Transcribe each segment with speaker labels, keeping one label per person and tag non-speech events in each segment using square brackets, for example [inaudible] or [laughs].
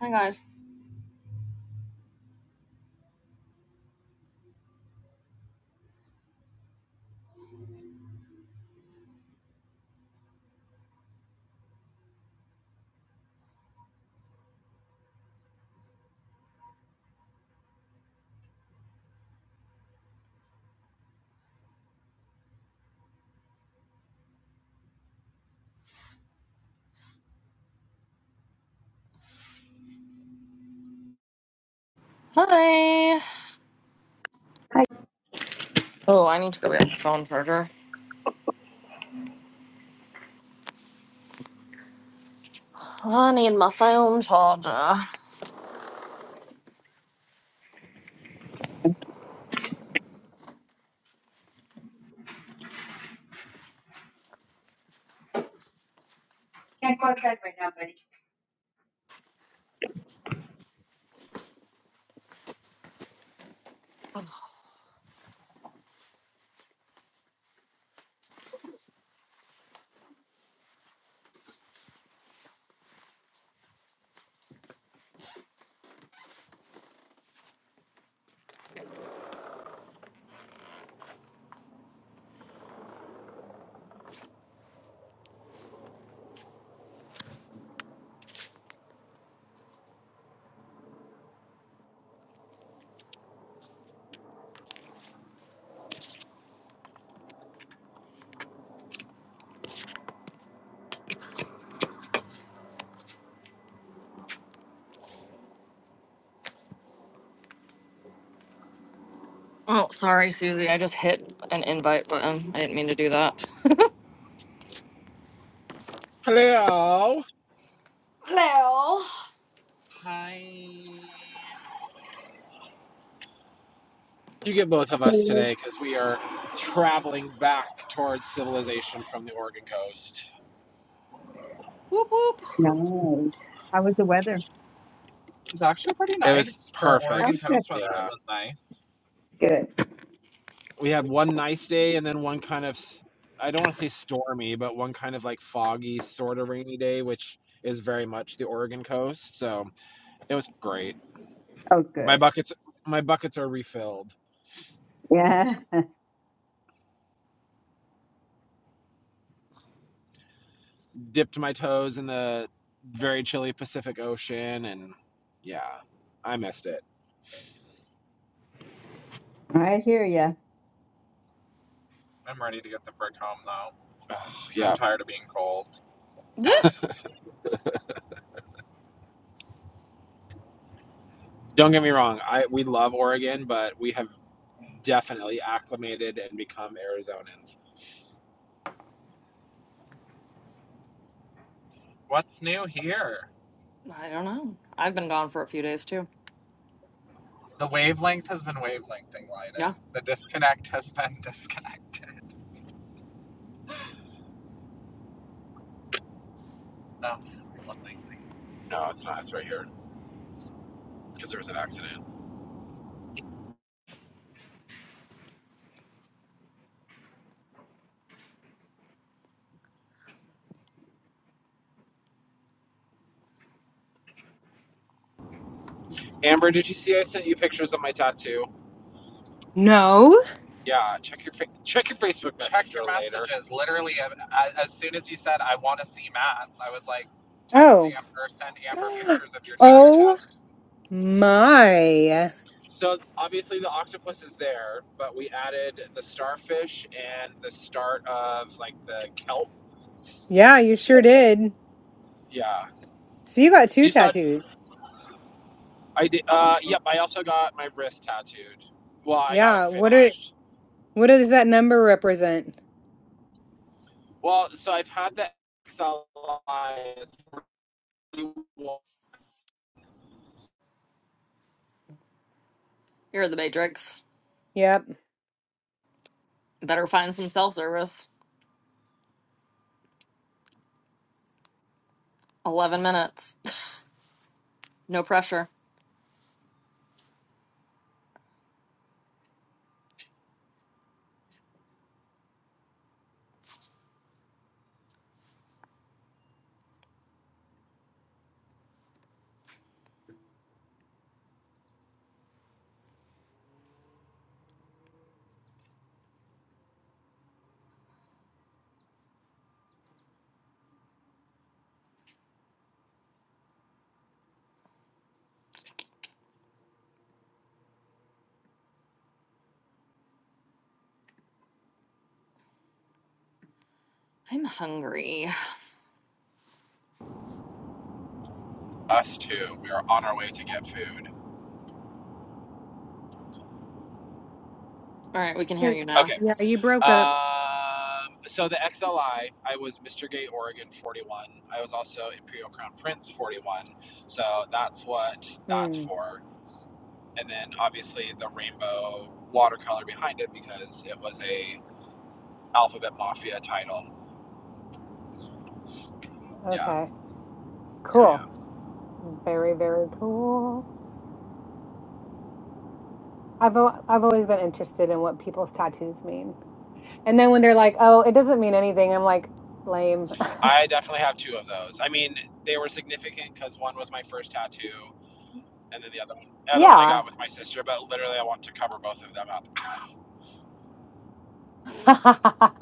Speaker 1: Hi guys. Hi.
Speaker 2: I
Speaker 1: Oh, I need to go get my phone charger. I need my phone charger.
Speaker 2: can't go outside right now, buddy.
Speaker 1: Oh, sorry, Susie. I just hit an invite button. I didn't mean to do that. [laughs]
Speaker 3: Hello.
Speaker 1: Hello.
Speaker 3: Hi. You get both of us
Speaker 2: Oh,
Speaker 3: today because we are traveling back towards civilization from the Oregon coast.
Speaker 1: Whoop whoop.
Speaker 2: Nice. How was the weather?
Speaker 3: It was actually pretty nice. It was perfect. for Oregon
Speaker 2: Oh, good.
Speaker 3: coast weather. yeah. It Yeah. was nice.
Speaker 2: Good.
Speaker 3: We had one nice day and then one kind of, i I don't want to say stormy, but one kind of like foggy, sort of rainy day, which is very much the Oregon coast. So it was great.
Speaker 2: Oh,
Speaker 3: My
Speaker 2: good.
Speaker 3: buckets, my buckets are refilled.
Speaker 2: Yeah.
Speaker 3: dipped my toes in the very chilly Pacific Ocean, and yeah, I missed it.
Speaker 2: I hear ya.
Speaker 3: I'm ready to get the frick home though. Ugh, yeah, I'm tired of being cold.
Speaker 1: Duh.
Speaker 3: don't get me wrong. I we love Oregon, but we have definitely acclimated and become Arizonans. What's new here?
Speaker 1: I don't know. I've been gone for a few days too.
Speaker 3: The wavelength has been wavelengthing, Lyden.
Speaker 1: Yeah.
Speaker 3: The disconnect has [laughs] been disconnected. No, nothing. No, it's not. It's right here because there was an accident. Amber, did you see I sent you pictures of my tattoo?
Speaker 4: No.
Speaker 3: Yeah, check your fa- check your Facebook Messenger Check your later. messages. Later. Literally, as soon as you said, I want to see Matt's, I was like, text
Speaker 4: Oh.
Speaker 3: Amber, send Amber
Speaker 4: [gasps]
Speaker 3: pictures of your
Speaker 4: Oh
Speaker 3: tattoo.
Speaker 4: my.
Speaker 3: So obviously the octopus is there, but we added the starfish and the start of like the kelp.
Speaker 4: Yeah, you sure did.
Speaker 3: Yeah,
Speaker 4: So you got two
Speaker 3: you saw.
Speaker 4: tattoos.
Speaker 3: I did.
Speaker 2: I want-
Speaker 3: Uh, yep. I also got my wrist tattooed. Well, I got it
Speaker 4: Yeah. What are
Speaker 3: finished.
Speaker 4: what does that number represent?
Speaker 3: Well, so I've had the XLI. really
Speaker 1: You're in the Matrix.
Speaker 4: Yep.
Speaker 1: Better find some self service. 11 minutes. [laughs] No pressure. I'm hungry.
Speaker 3: Us too. We are on our way to get food.
Speaker 1: All right, we can hear
Speaker 4: Wait,
Speaker 1: you
Speaker 3: Okay,
Speaker 1: now.
Speaker 4: Yeah, you broke up.
Speaker 3: Um, so the XLI, I I was Mr. Gay Oregon 41. I was also Imperial Crown Prince 41. So that's what that's
Speaker 4: Mm.
Speaker 3: for. And then obviously the rainbow watercolor behind it because it was a Alphabet Mafia title. Yeah,
Speaker 4: Okay. Cool.
Speaker 3: yeah.
Speaker 4: Very, very cool. I've al- I've always been interested in what people's tattoos mean. And then when they're like, "Oh, it doesn't mean anything." I'm like, "Lame."
Speaker 3: I definitely have two of those. I mean, they were significant because one was my first tattoo, and then the other one,
Speaker 4: [laughs]
Speaker 3: the other one I
Speaker 4: yeah.
Speaker 3: got with my sister. But literally, I want to cover both of them up.
Speaker 4: [laughs]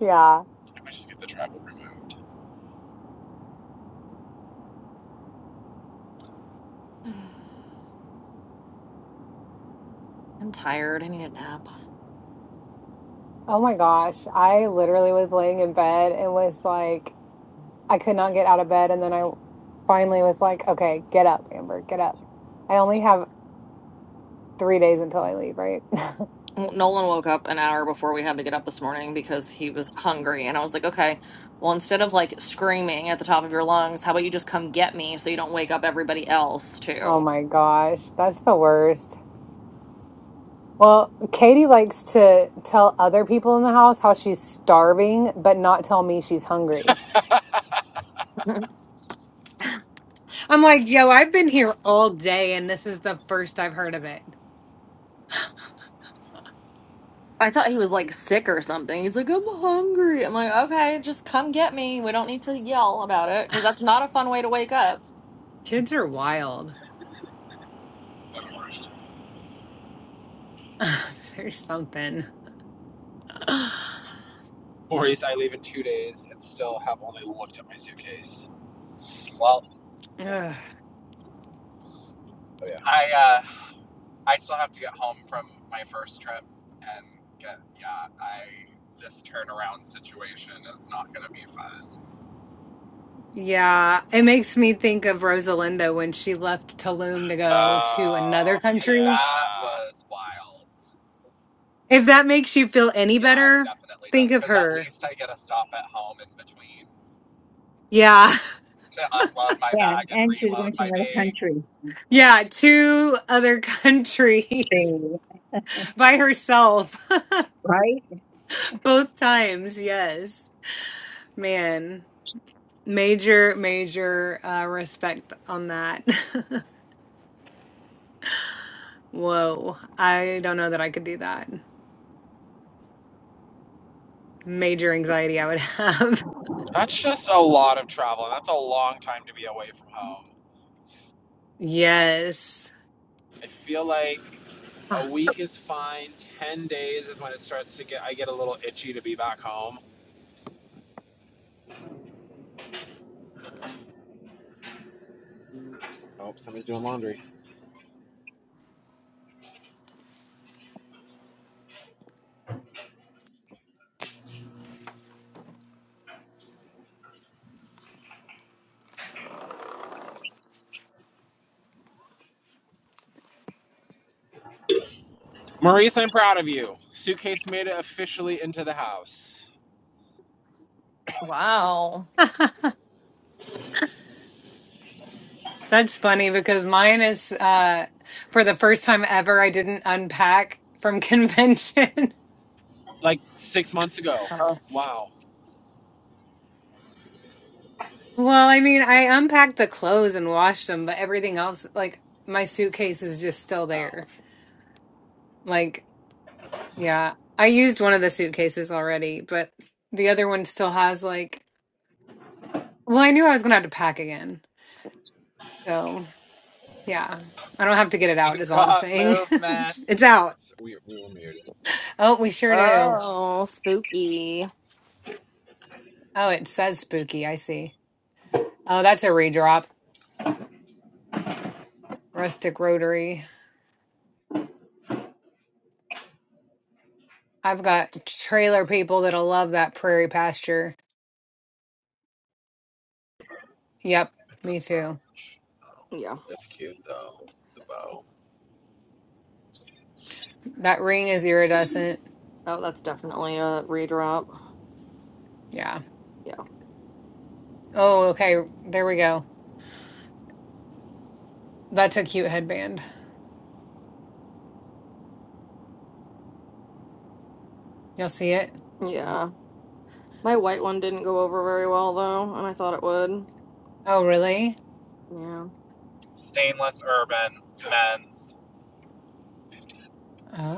Speaker 4: yeah.
Speaker 3: I might just get the tribal removed.
Speaker 1: I'm tired. I need a nap.
Speaker 4: Oh my gosh. I literally was laying in bed and was like, I could not get out of bed. And then I finally was like, okay, get up, Amber, get up. I only have three days until I leave, right? [laughs]
Speaker 1: Well, Nolan woke up an hour before we had to get up this morning because he was hungry. And I was like, okay, well, instead of like screaming at the top of your lungs, how about you just come get me so you don't wake up everybody else
Speaker 4: Oh
Speaker 1: too? [laughs]
Speaker 4: my gosh. That's the worst. Well, Katie likes to tell other people in the house how she's starving, but not tell me she's hungry. I'm like, yo, I've been here all day and this is the first I've heard of it.
Speaker 1: I thought he was like sick or something. He's like, I'm hungry. I'm like, okay, just come get me. We don't need to yell about it because that's not a fun way to wake up.
Speaker 4: Kids are wild. [laughs] There's something. [sighs] Ugh.
Speaker 3: Maurice, I leave in two days and still have only looked at my suitcase. Well, Oh, yeah. I uh, I still have to get home from my first trip and get yeah. I this turnaround situation is not gonna be fun.
Speaker 4: Yeah, it makes me think of Rosalinda when she left Tulum to go to
Speaker 3: Oh,
Speaker 4: another
Speaker 3: Yeah, yeah.
Speaker 4: country.
Speaker 3: that was wild.
Speaker 4: If that makes you feel any
Speaker 3: Yeah, it
Speaker 4: better,
Speaker 3: definitely
Speaker 4: think
Speaker 3: does
Speaker 4: of
Speaker 3: because at
Speaker 4: her.
Speaker 3: least I get a stop at home in between
Speaker 4: Yeah. [laughs]
Speaker 3: to unload my
Speaker 2: Yeah,
Speaker 3: bag and
Speaker 2: and she's
Speaker 3: reload
Speaker 2: going to
Speaker 3: my
Speaker 2: another
Speaker 3: bag.
Speaker 2: country.
Speaker 4: Yeah, two other countries
Speaker 2: So,
Speaker 4: [laughs] by herself [laughs]
Speaker 2: right?
Speaker 4: both times. Yes. Man, major major uh respect on that. [laughs] Whoa. I don't know that I could do that. Major anxiety I would have.
Speaker 3: That's just a lot of travel, and that's a long time to be away from home.
Speaker 4: [laughs] Yes.
Speaker 3: I feel like a week is fine. Ten days is when it starts to get. I get a little itchy to be back home. Oh, somebody's doing laundry. Maurice, I'm proud of you. Suitcase made it officially into the house
Speaker 1: Wow.
Speaker 4: [laughs] That's funny because mine is uh for the first time ever I didn't unpack from [laughs] convention.
Speaker 3: like six months ago.
Speaker 1: Oh,
Speaker 3: Wow.
Speaker 4: Well, I mean, I unpacked the clothes and washed them, but everything else like my suitcase is just still
Speaker 3: Wow.
Speaker 4: there. Like, yeah, I used one of the suitcases already, but the other one still has like well, I knew I was going to have to pack again. So, yeah. I don't have to get it
Speaker 3: We've
Speaker 4: out is all I'm
Speaker 3: got
Speaker 4: saying. [laughs]
Speaker 3: movement.
Speaker 4: it's, it's out.
Speaker 3: So we we were muted.
Speaker 4: Oh, we sure do.
Speaker 1: oh spooky.
Speaker 4: Oh, it says spooky. I see. Oh, that's a redrop. rustic rotary. I've got trailer people that'll love that prairie pasture. Yep, me too.
Speaker 3: Ouch.
Speaker 1: Yeah.
Speaker 3: So
Speaker 4: That ring is iridescent.
Speaker 1: Oh, that's definitely a redrop.
Speaker 4: Yeah.
Speaker 1: Yeah.
Speaker 4: Oh, okay. There we go. That's a cute headband. You'll see it.
Speaker 1: Yeah. My white one didn't go over very well though, and I thought it would.
Speaker 4: Oh, really?
Speaker 1: Yeah.
Speaker 3: Stainless urban men's.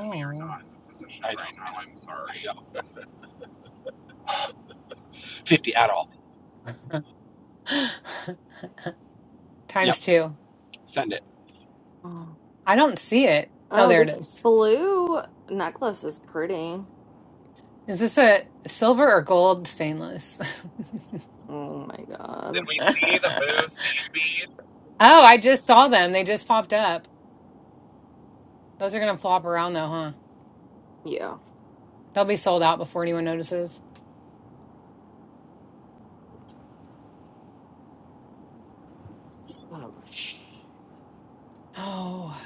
Speaker 3: And we are not in the position I know. right know. now. I'm sorry. Fifty at all.
Speaker 4: [laughs] Times
Speaker 3: Yep.
Speaker 4: two.
Speaker 3: Send it.
Speaker 1: Oh,
Speaker 4: I don't see it. Oh,
Speaker 1: Oh,
Speaker 4: there it
Speaker 1: this
Speaker 4: is.
Speaker 1: blue necklace is pretty.
Speaker 4: Is this a silver or gold stainless? [laughs]
Speaker 1: Oh my
Speaker 3: Did
Speaker 1: god.
Speaker 3: we
Speaker 4: oh,
Speaker 3: see the boo seed beads?
Speaker 4: I just saw them. They just popped up. Those are going to flop around though, huh?
Speaker 1: Yeah.
Speaker 4: They'll be sold out before anyone notices.
Speaker 1: Oh, sh-
Speaker 4: Oh,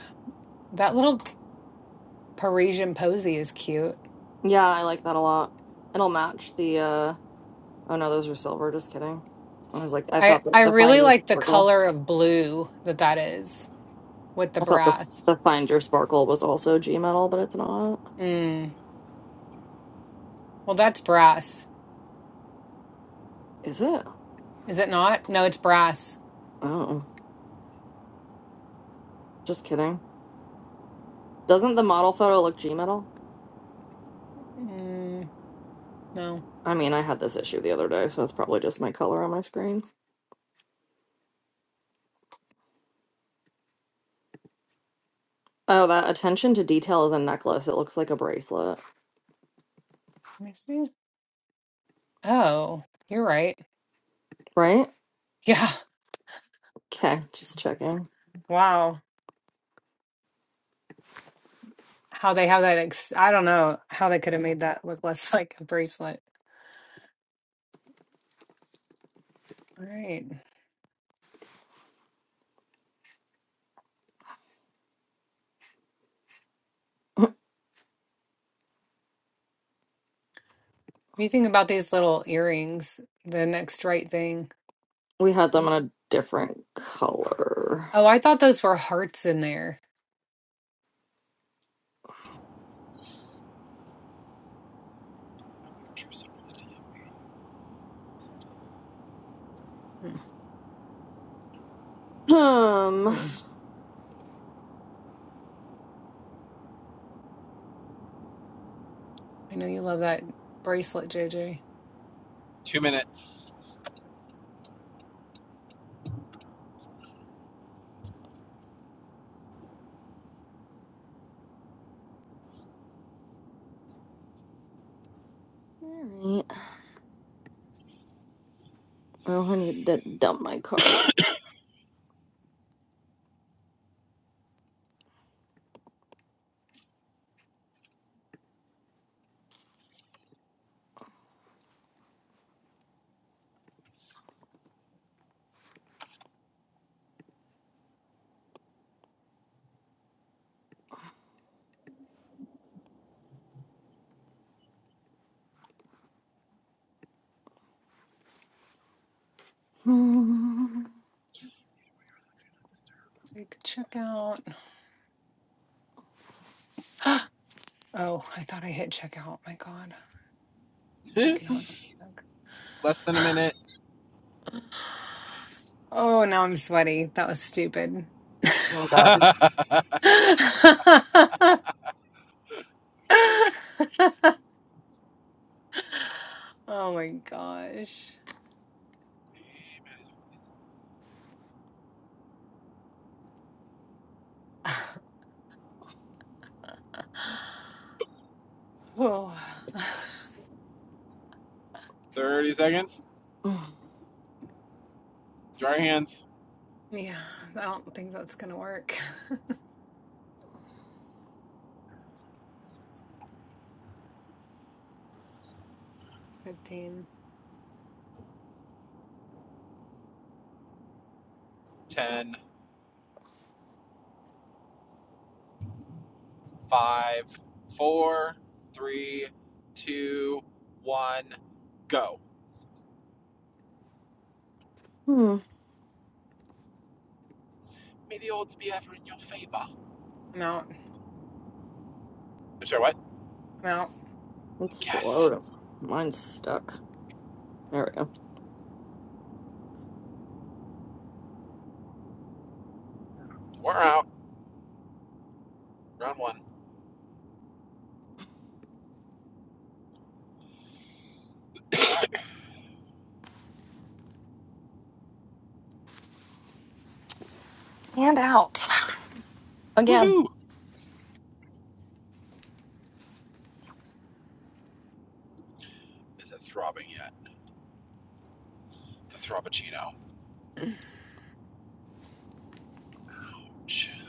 Speaker 4: that little Parisian posy is cute.
Speaker 1: yeah, I like that a lot. It'll match the uh oh no, those are silver, just kidding. I was like I
Speaker 4: I
Speaker 1: thought the,
Speaker 4: I
Speaker 1: the
Speaker 4: really
Speaker 1: find your
Speaker 4: like the
Speaker 1: sparkle.
Speaker 4: color of blue that that is with the
Speaker 1: I thought the
Speaker 4: brass.
Speaker 1: the find your sparkle was also G metal, but it's not.
Speaker 4: Mm. Well, that's brass.
Speaker 1: Is it?
Speaker 4: Is it not? No, it's brass.
Speaker 1: Oh. Just kidding. Doesn't the model photo look G metal?
Speaker 4: Mm, no.
Speaker 1: I mean, I had this issue the other day, so it's probably just my color on my screen. Oh, that attention to detail is a necklace. It looks like a bracelet,
Speaker 4: Let me see. Oh, you're right. [laughs]
Speaker 1: right?
Speaker 4: Yeah.
Speaker 1: Okay, just checking.
Speaker 4: Wow. How they have that ex I don't know how they could have made that look less [laughs] like a bracelet. All right. What do you think about these little earrings? The next right thing.
Speaker 1: We had them in a different color.
Speaker 4: Oh, I thought those were hearts in there. Hmm.
Speaker 1: Um,
Speaker 4: hmm. I know you love that bracelet, JJ.
Speaker 3: Two minutes.
Speaker 1: all right. Oh, I need to dump my cart. Hmm.
Speaker 4: I could check out. [gasps] Oh, I thought I hit checkout. My God.
Speaker 3: [laughs] Less
Speaker 4: Freaking hard.
Speaker 3: than a
Speaker 4: [gasps]
Speaker 3: minute.
Speaker 4: [laughs] Oh, now I'm sweaty. That was stupid. [laughs]
Speaker 1: Oh
Speaker 3: [laughs]
Speaker 1: God.
Speaker 4: Oh my gosh. [laughs] Whoa. [sighs] [laughs]
Speaker 3: 30 seconds. Dry hands.
Speaker 4: Yeah, I don't think that's gonna work. [laughs] 15.
Speaker 3: Ten, five, four, three, two, one, go.
Speaker 1: Hmm.
Speaker 3: May the odds be ever in your favor. I'm
Speaker 4: I'm out.
Speaker 3: sure what?
Speaker 4: I'm out.
Speaker 1: It's slow.
Speaker 3: Yes.
Speaker 1: to- Mine's stuck. There we go.
Speaker 3: We're out. Round one.
Speaker 1: And out again.
Speaker 3: Woohoo! Is it throbbing yet? The Throbbuccino. I'm,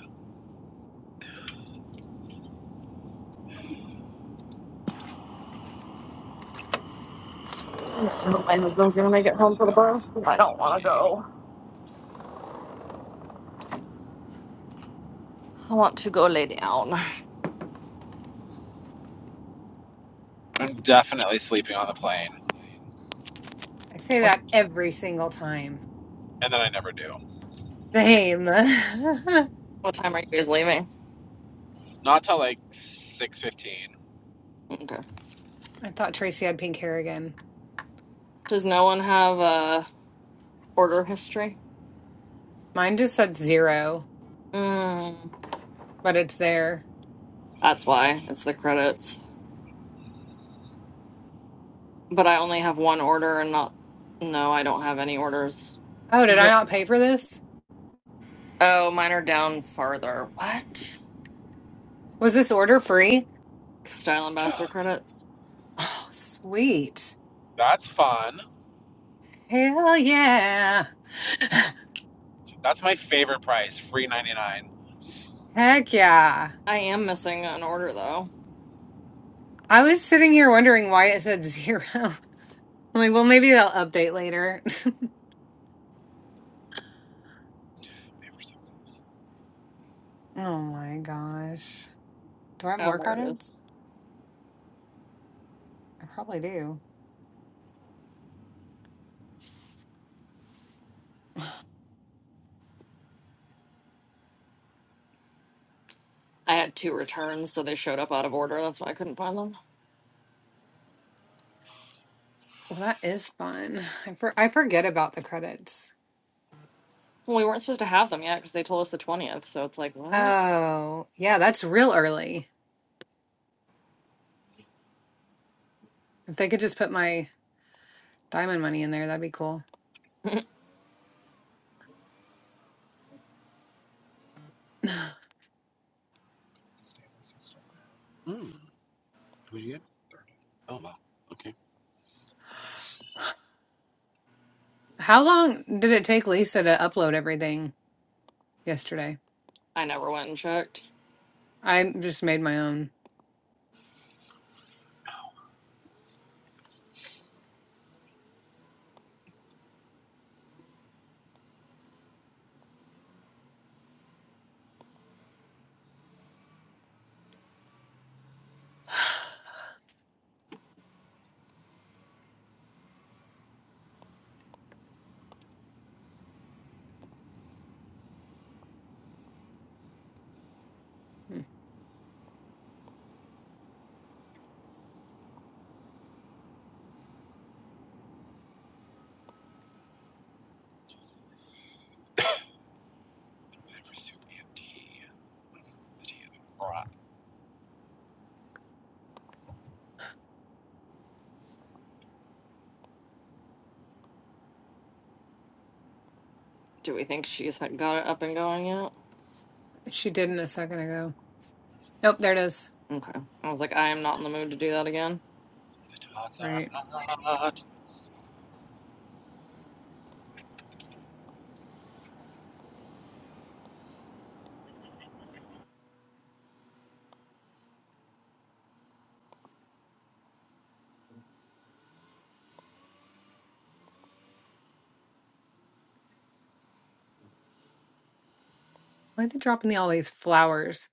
Speaker 1: I hope My husband's gonna make it home for the bar. I don't want to go. I want to go lay down.
Speaker 3: I'm definitely sleeping on the plane.
Speaker 4: I say
Speaker 1: What
Speaker 4: that every single time.
Speaker 3: And then I never do.
Speaker 4: Same. [laughs] I
Speaker 1: what time are you guys leaving?
Speaker 3: Not till like 6.15.
Speaker 1: Okay.
Speaker 4: thought Tracy had pink hair again.
Speaker 1: Does no one have a? Order history?
Speaker 4: Mine just said zero,
Speaker 1: Mm,
Speaker 4: but it's there.
Speaker 1: that's why. It's the credits. But I only have one order and not. No, I don't have any orders.
Speaker 4: Oh, did I
Speaker 1: Wh-
Speaker 4: not pay for this?
Speaker 1: Oh, mine are down farther. What?
Speaker 4: Was this order free?
Speaker 1: Style Ambassador credits.
Speaker 4: Oh, sweet.
Speaker 3: That's fun.
Speaker 4: Hell yeah. [sighs] [laughs]
Speaker 3: That's my favorite price. Free ninety nine.
Speaker 4: Heck yeah.
Speaker 1: I am missing an order though.
Speaker 4: I was sitting here wondering why it said zero. [laughs] I'm like, well, maybe they'll update later. [laughs]
Speaker 3: They were so
Speaker 4: oh my gosh. Do I have
Speaker 1: Oh,
Speaker 4: more
Speaker 1: there it is.
Speaker 4: credits? I probably do.
Speaker 1: I had two returns, so they showed up out of order. That's why I couldn't find them.
Speaker 4: Well, that is fun. I for I forget about the credits.
Speaker 1: Well, we weren't supposed to have them yet because they told us the 20th, so it's like, what?
Speaker 4: Oh, yeah, that's real early. If they could just put my diamond money in there, that'd be cool.
Speaker 1: [laughs]
Speaker 4: [sighs]
Speaker 3: close. Mm. Who'd you get? Oh wow. Okay.
Speaker 4: How long did it take Lisa to upload everything yesterday?
Speaker 1: I never went and checked.
Speaker 4: I just made my own. [sighs]
Speaker 3: for soup and tea. The tea is hot.
Speaker 1: Do we think she's got it up and going yet?
Speaker 4: She didn't a second ago. Nope, there it is.
Speaker 1: Okay. I was like, I am not in the mood to do that again.
Speaker 3: Are
Speaker 4: Right.
Speaker 3: hot.
Speaker 4: Why are they dropping me all these flowers?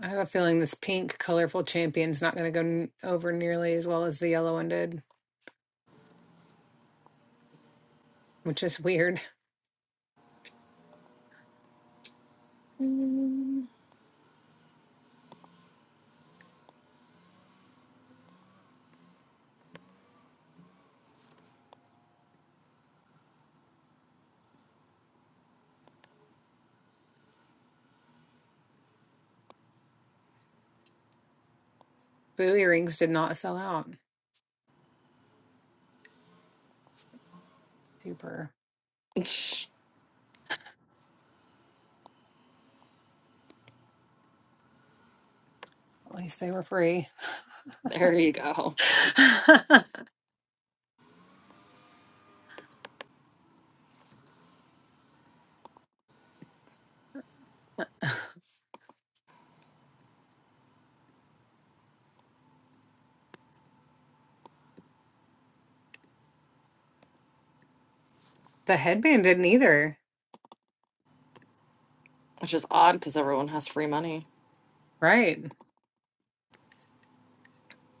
Speaker 4: I have a feeling this pink, colorful champion's not going to go n over nearly as well as the yellow one did, which is weird.
Speaker 1: Mm.
Speaker 4: Boo earrings did not sell out. Super.
Speaker 1: [laughs]
Speaker 4: At least they were free.
Speaker 1: There you go.
Speaker 4: [laughs] the headband didn't either.
Speaker 1: Which is odd because everyone has free money,
Speaker 4: Right.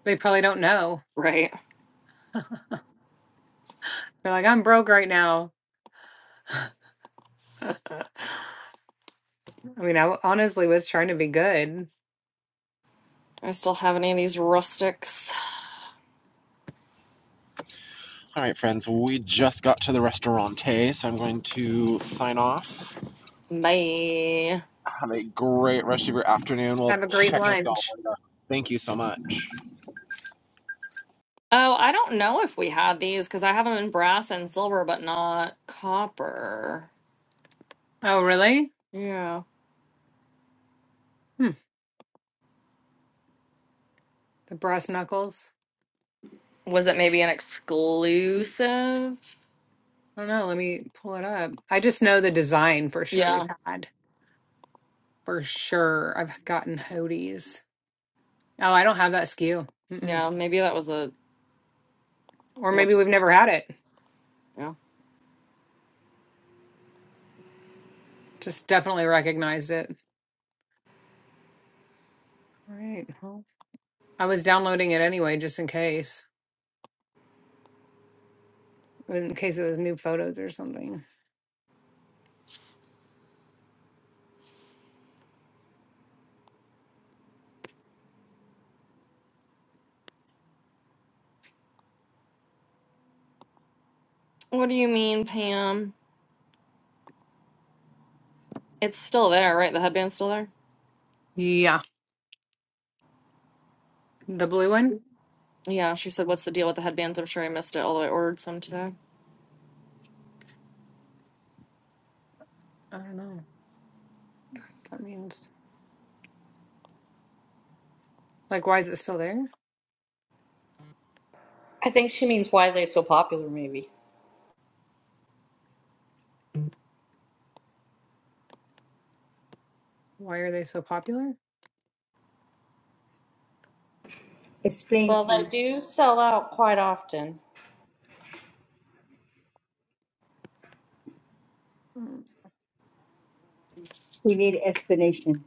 Speaker 4: They probably don't know.
Speaker 1: right?
Speaker 4: They're like, I'm broke right now. [laughs] I mean, I w- honestly was trying to be good.
Speaker 1: Do I still have any of these rustics?
Speaker 3: All right, friends. We just got to the restaurante, so I'm going to sign off.
Speaker 1: Bye.
Speaker 3: Have a great rest of your afternoon. We'll
Speaker 4: Have a great
Speaker 3: check with y'all
Speaker 4: lunch.
Speaker 3: later. Thank you so much.
Speaker 1: Oh, I don't know if we had these because I have them in brass and silver, but not copper.
Speaker 4: Oh, really?
Speaker 1: Yeah.
Speaker 4: Hmm. The brass knuckles.
Speaker 1: Was it maybe an exclusive?
Speaker 4: I don't know. Let me pull it up. I just know the design for sure we've
Speaker 1: Yeah.
Speaker 4: had. For sure. I've gotten hoodies. Oh, I don't have that skew. Mm-mm.
Speaker 1: Yeah. Maybe that was a.
Speaker 4: Or maybe
Speaker 1: What?
Speaker 4: we've never had it.
Speaker 1: Yeah.
Speaker 4: Just definitely recognized it. All right. Well, I was downloading it anyway, just in case, in case it was new photos or something.
Speaker 1: What do you mean, Pam? It's still there, right? The headband's still there?
Speaker 4: Yeah. The blue one?
Speaker 1: Yeah. She said, What's the deal with the headbands? I'm sure I missed it, although I ordered some today.
Speaker 4: I don't know. That means like, why is it still there?
Speaker 5: I think she means why they're so popular, maybe.
Speaker 4: Why are they so popular?
Speaker 2: Explain,
Speaker 5: Well, they
Speaker 2: Pam.
Speaker 5: do sell out quite often.
Speaker 4: Mm,
Speaker 2: We need explanation.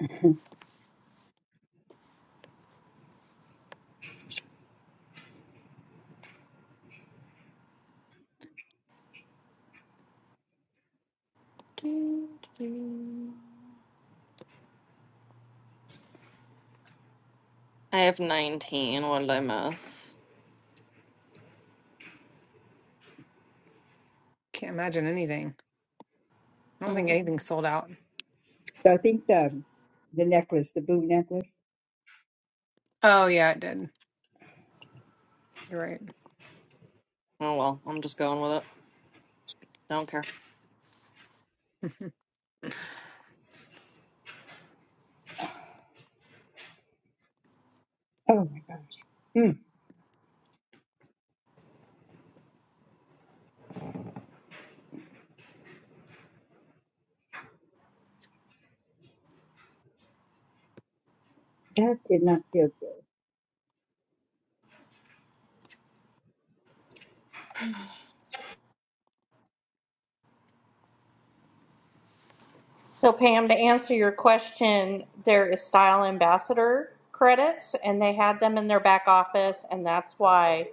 Speaker 2: [laughs]
Speaker 1: I have 19. What did I miss?
Speaker 4: Can't imagine anything. I don't think
Speaker 1: Mm.
Speaker 4: anything sold out.
Speaker 2: So I think the the necklace, the blue necklace.
Speaker 4: Oh yeah, it did. You're right.
Speaker 1: Oh well, I'm just going with it. I Don't care.
Speaker 4: [laughs]
Speaker 2: Oh my gosh. Hmm. that did not feel good.
Speaker 5: So, Pam, to answer your question, there is style ambassador credits, and they had them in their back office, and that's why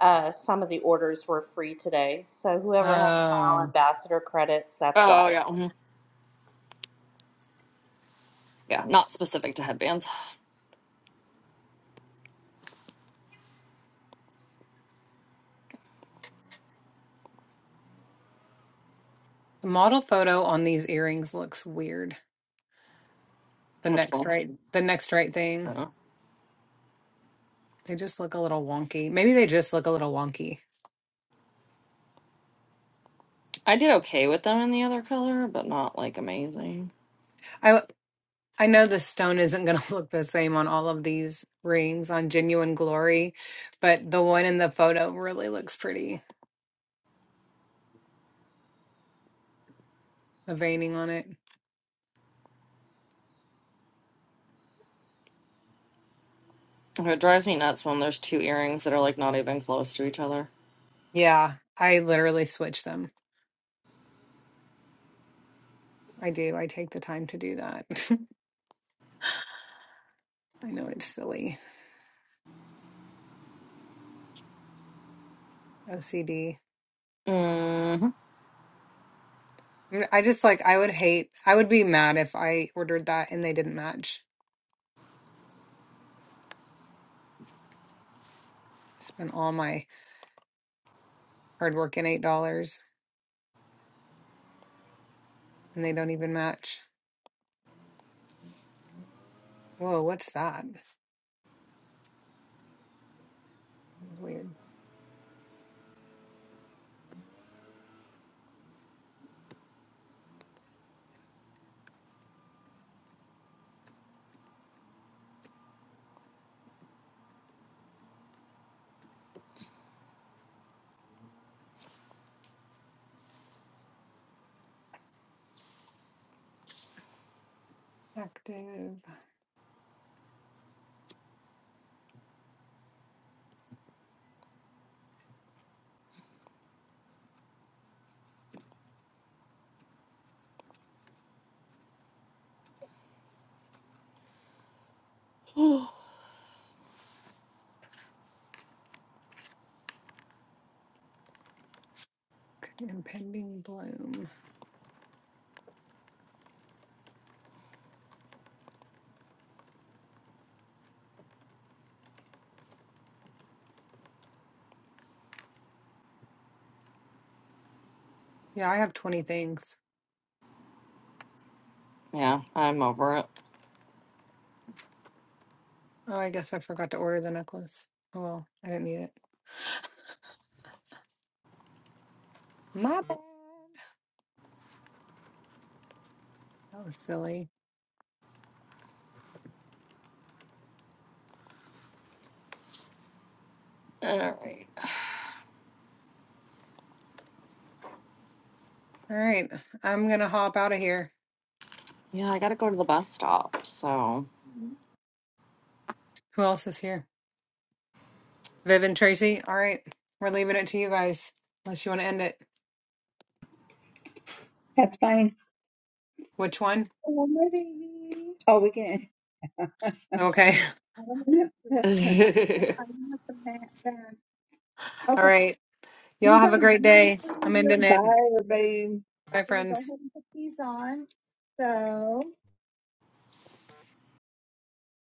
Speaker 5: uh, some of the orders were free today. So, whoever has style
Speaker 4: Oh,
Speaker 5: ambassador credits, that's
Speaker 1: Oh
Speaker 5: why.
Speaker 1: yeah, mhm. yeah. Not specific to headbands.
Speaker 4: the model photo on these earrings looks weird. The
Speaker 1: Which
Speaker 4: next
Speaker 1: one?
Speaker 4: right, the next right thing.
Speaker 1: Uh,
Speaker 4: They just look a little wonky. Maybe they just look a little wonky.
Speaker 1: I did okay with them in the other color, but not like amazing.
Speaker 4: I. I know the stone isn't going to [laughs] look the same on all of these rings on Genuine Glory, but the one in the photo really looks pretty, the veining on it.
Speaker 1: Okay, It drives me nuts when there's two earrings that are like not even close to each other.
Speaker 4: Yeah, I literally switch them. I do. I take the time to do that. [laughs] I know it's silly. OCD.
Speaker 1: hmm [gasps]
Speaker 4: I mean, I just like, I would hate, I would be mad if I ordered that and they didn't match. Spent all my hard work in $8 and they don't even match. Whoa, what's that? That's Weird. Active
Speaker 1: [sighs]
Speaker 4: impending bloom. Yeah, I have 20 things.
Speaker 1: yeah, I'm over it.
Speaker 4: Oh, I guess I forgot to order the necklace. Oh, well, I didn't need it. My bad. That was silly.
Speaker 1: All right.
Speaker 4: All right, I'm gonna hop out of here.
Speaker 1: Yeah, I gotta go to the bus stop. So.
Speaker 4: Who else is here? Viv and Tracy. All right, we're leaving it to you guys. Unless you want to end it.
Speaker 2: That's fine.
Speaker 4: Which one?
Speaker 2: Oh, my baby. Oh, we can. [laughs] I'm
Speaker 4: Okay. [laughs]
Speaker 2: going have to- I'm
Speaker 1: [laughs]
Speaker 2: going have to map that.
Speaker 4: All right. Y'all
Speaker 2: He's
Speaker 4: have a great day. I'm ending
Speaker 2: on
Speaker 4: it.
Speaker 2: fire, babe.
Speaker 4: Bye,
Speaker 2: Gonna go
Speaker 4: friends.
Speaker 2: ahead and put these on. So.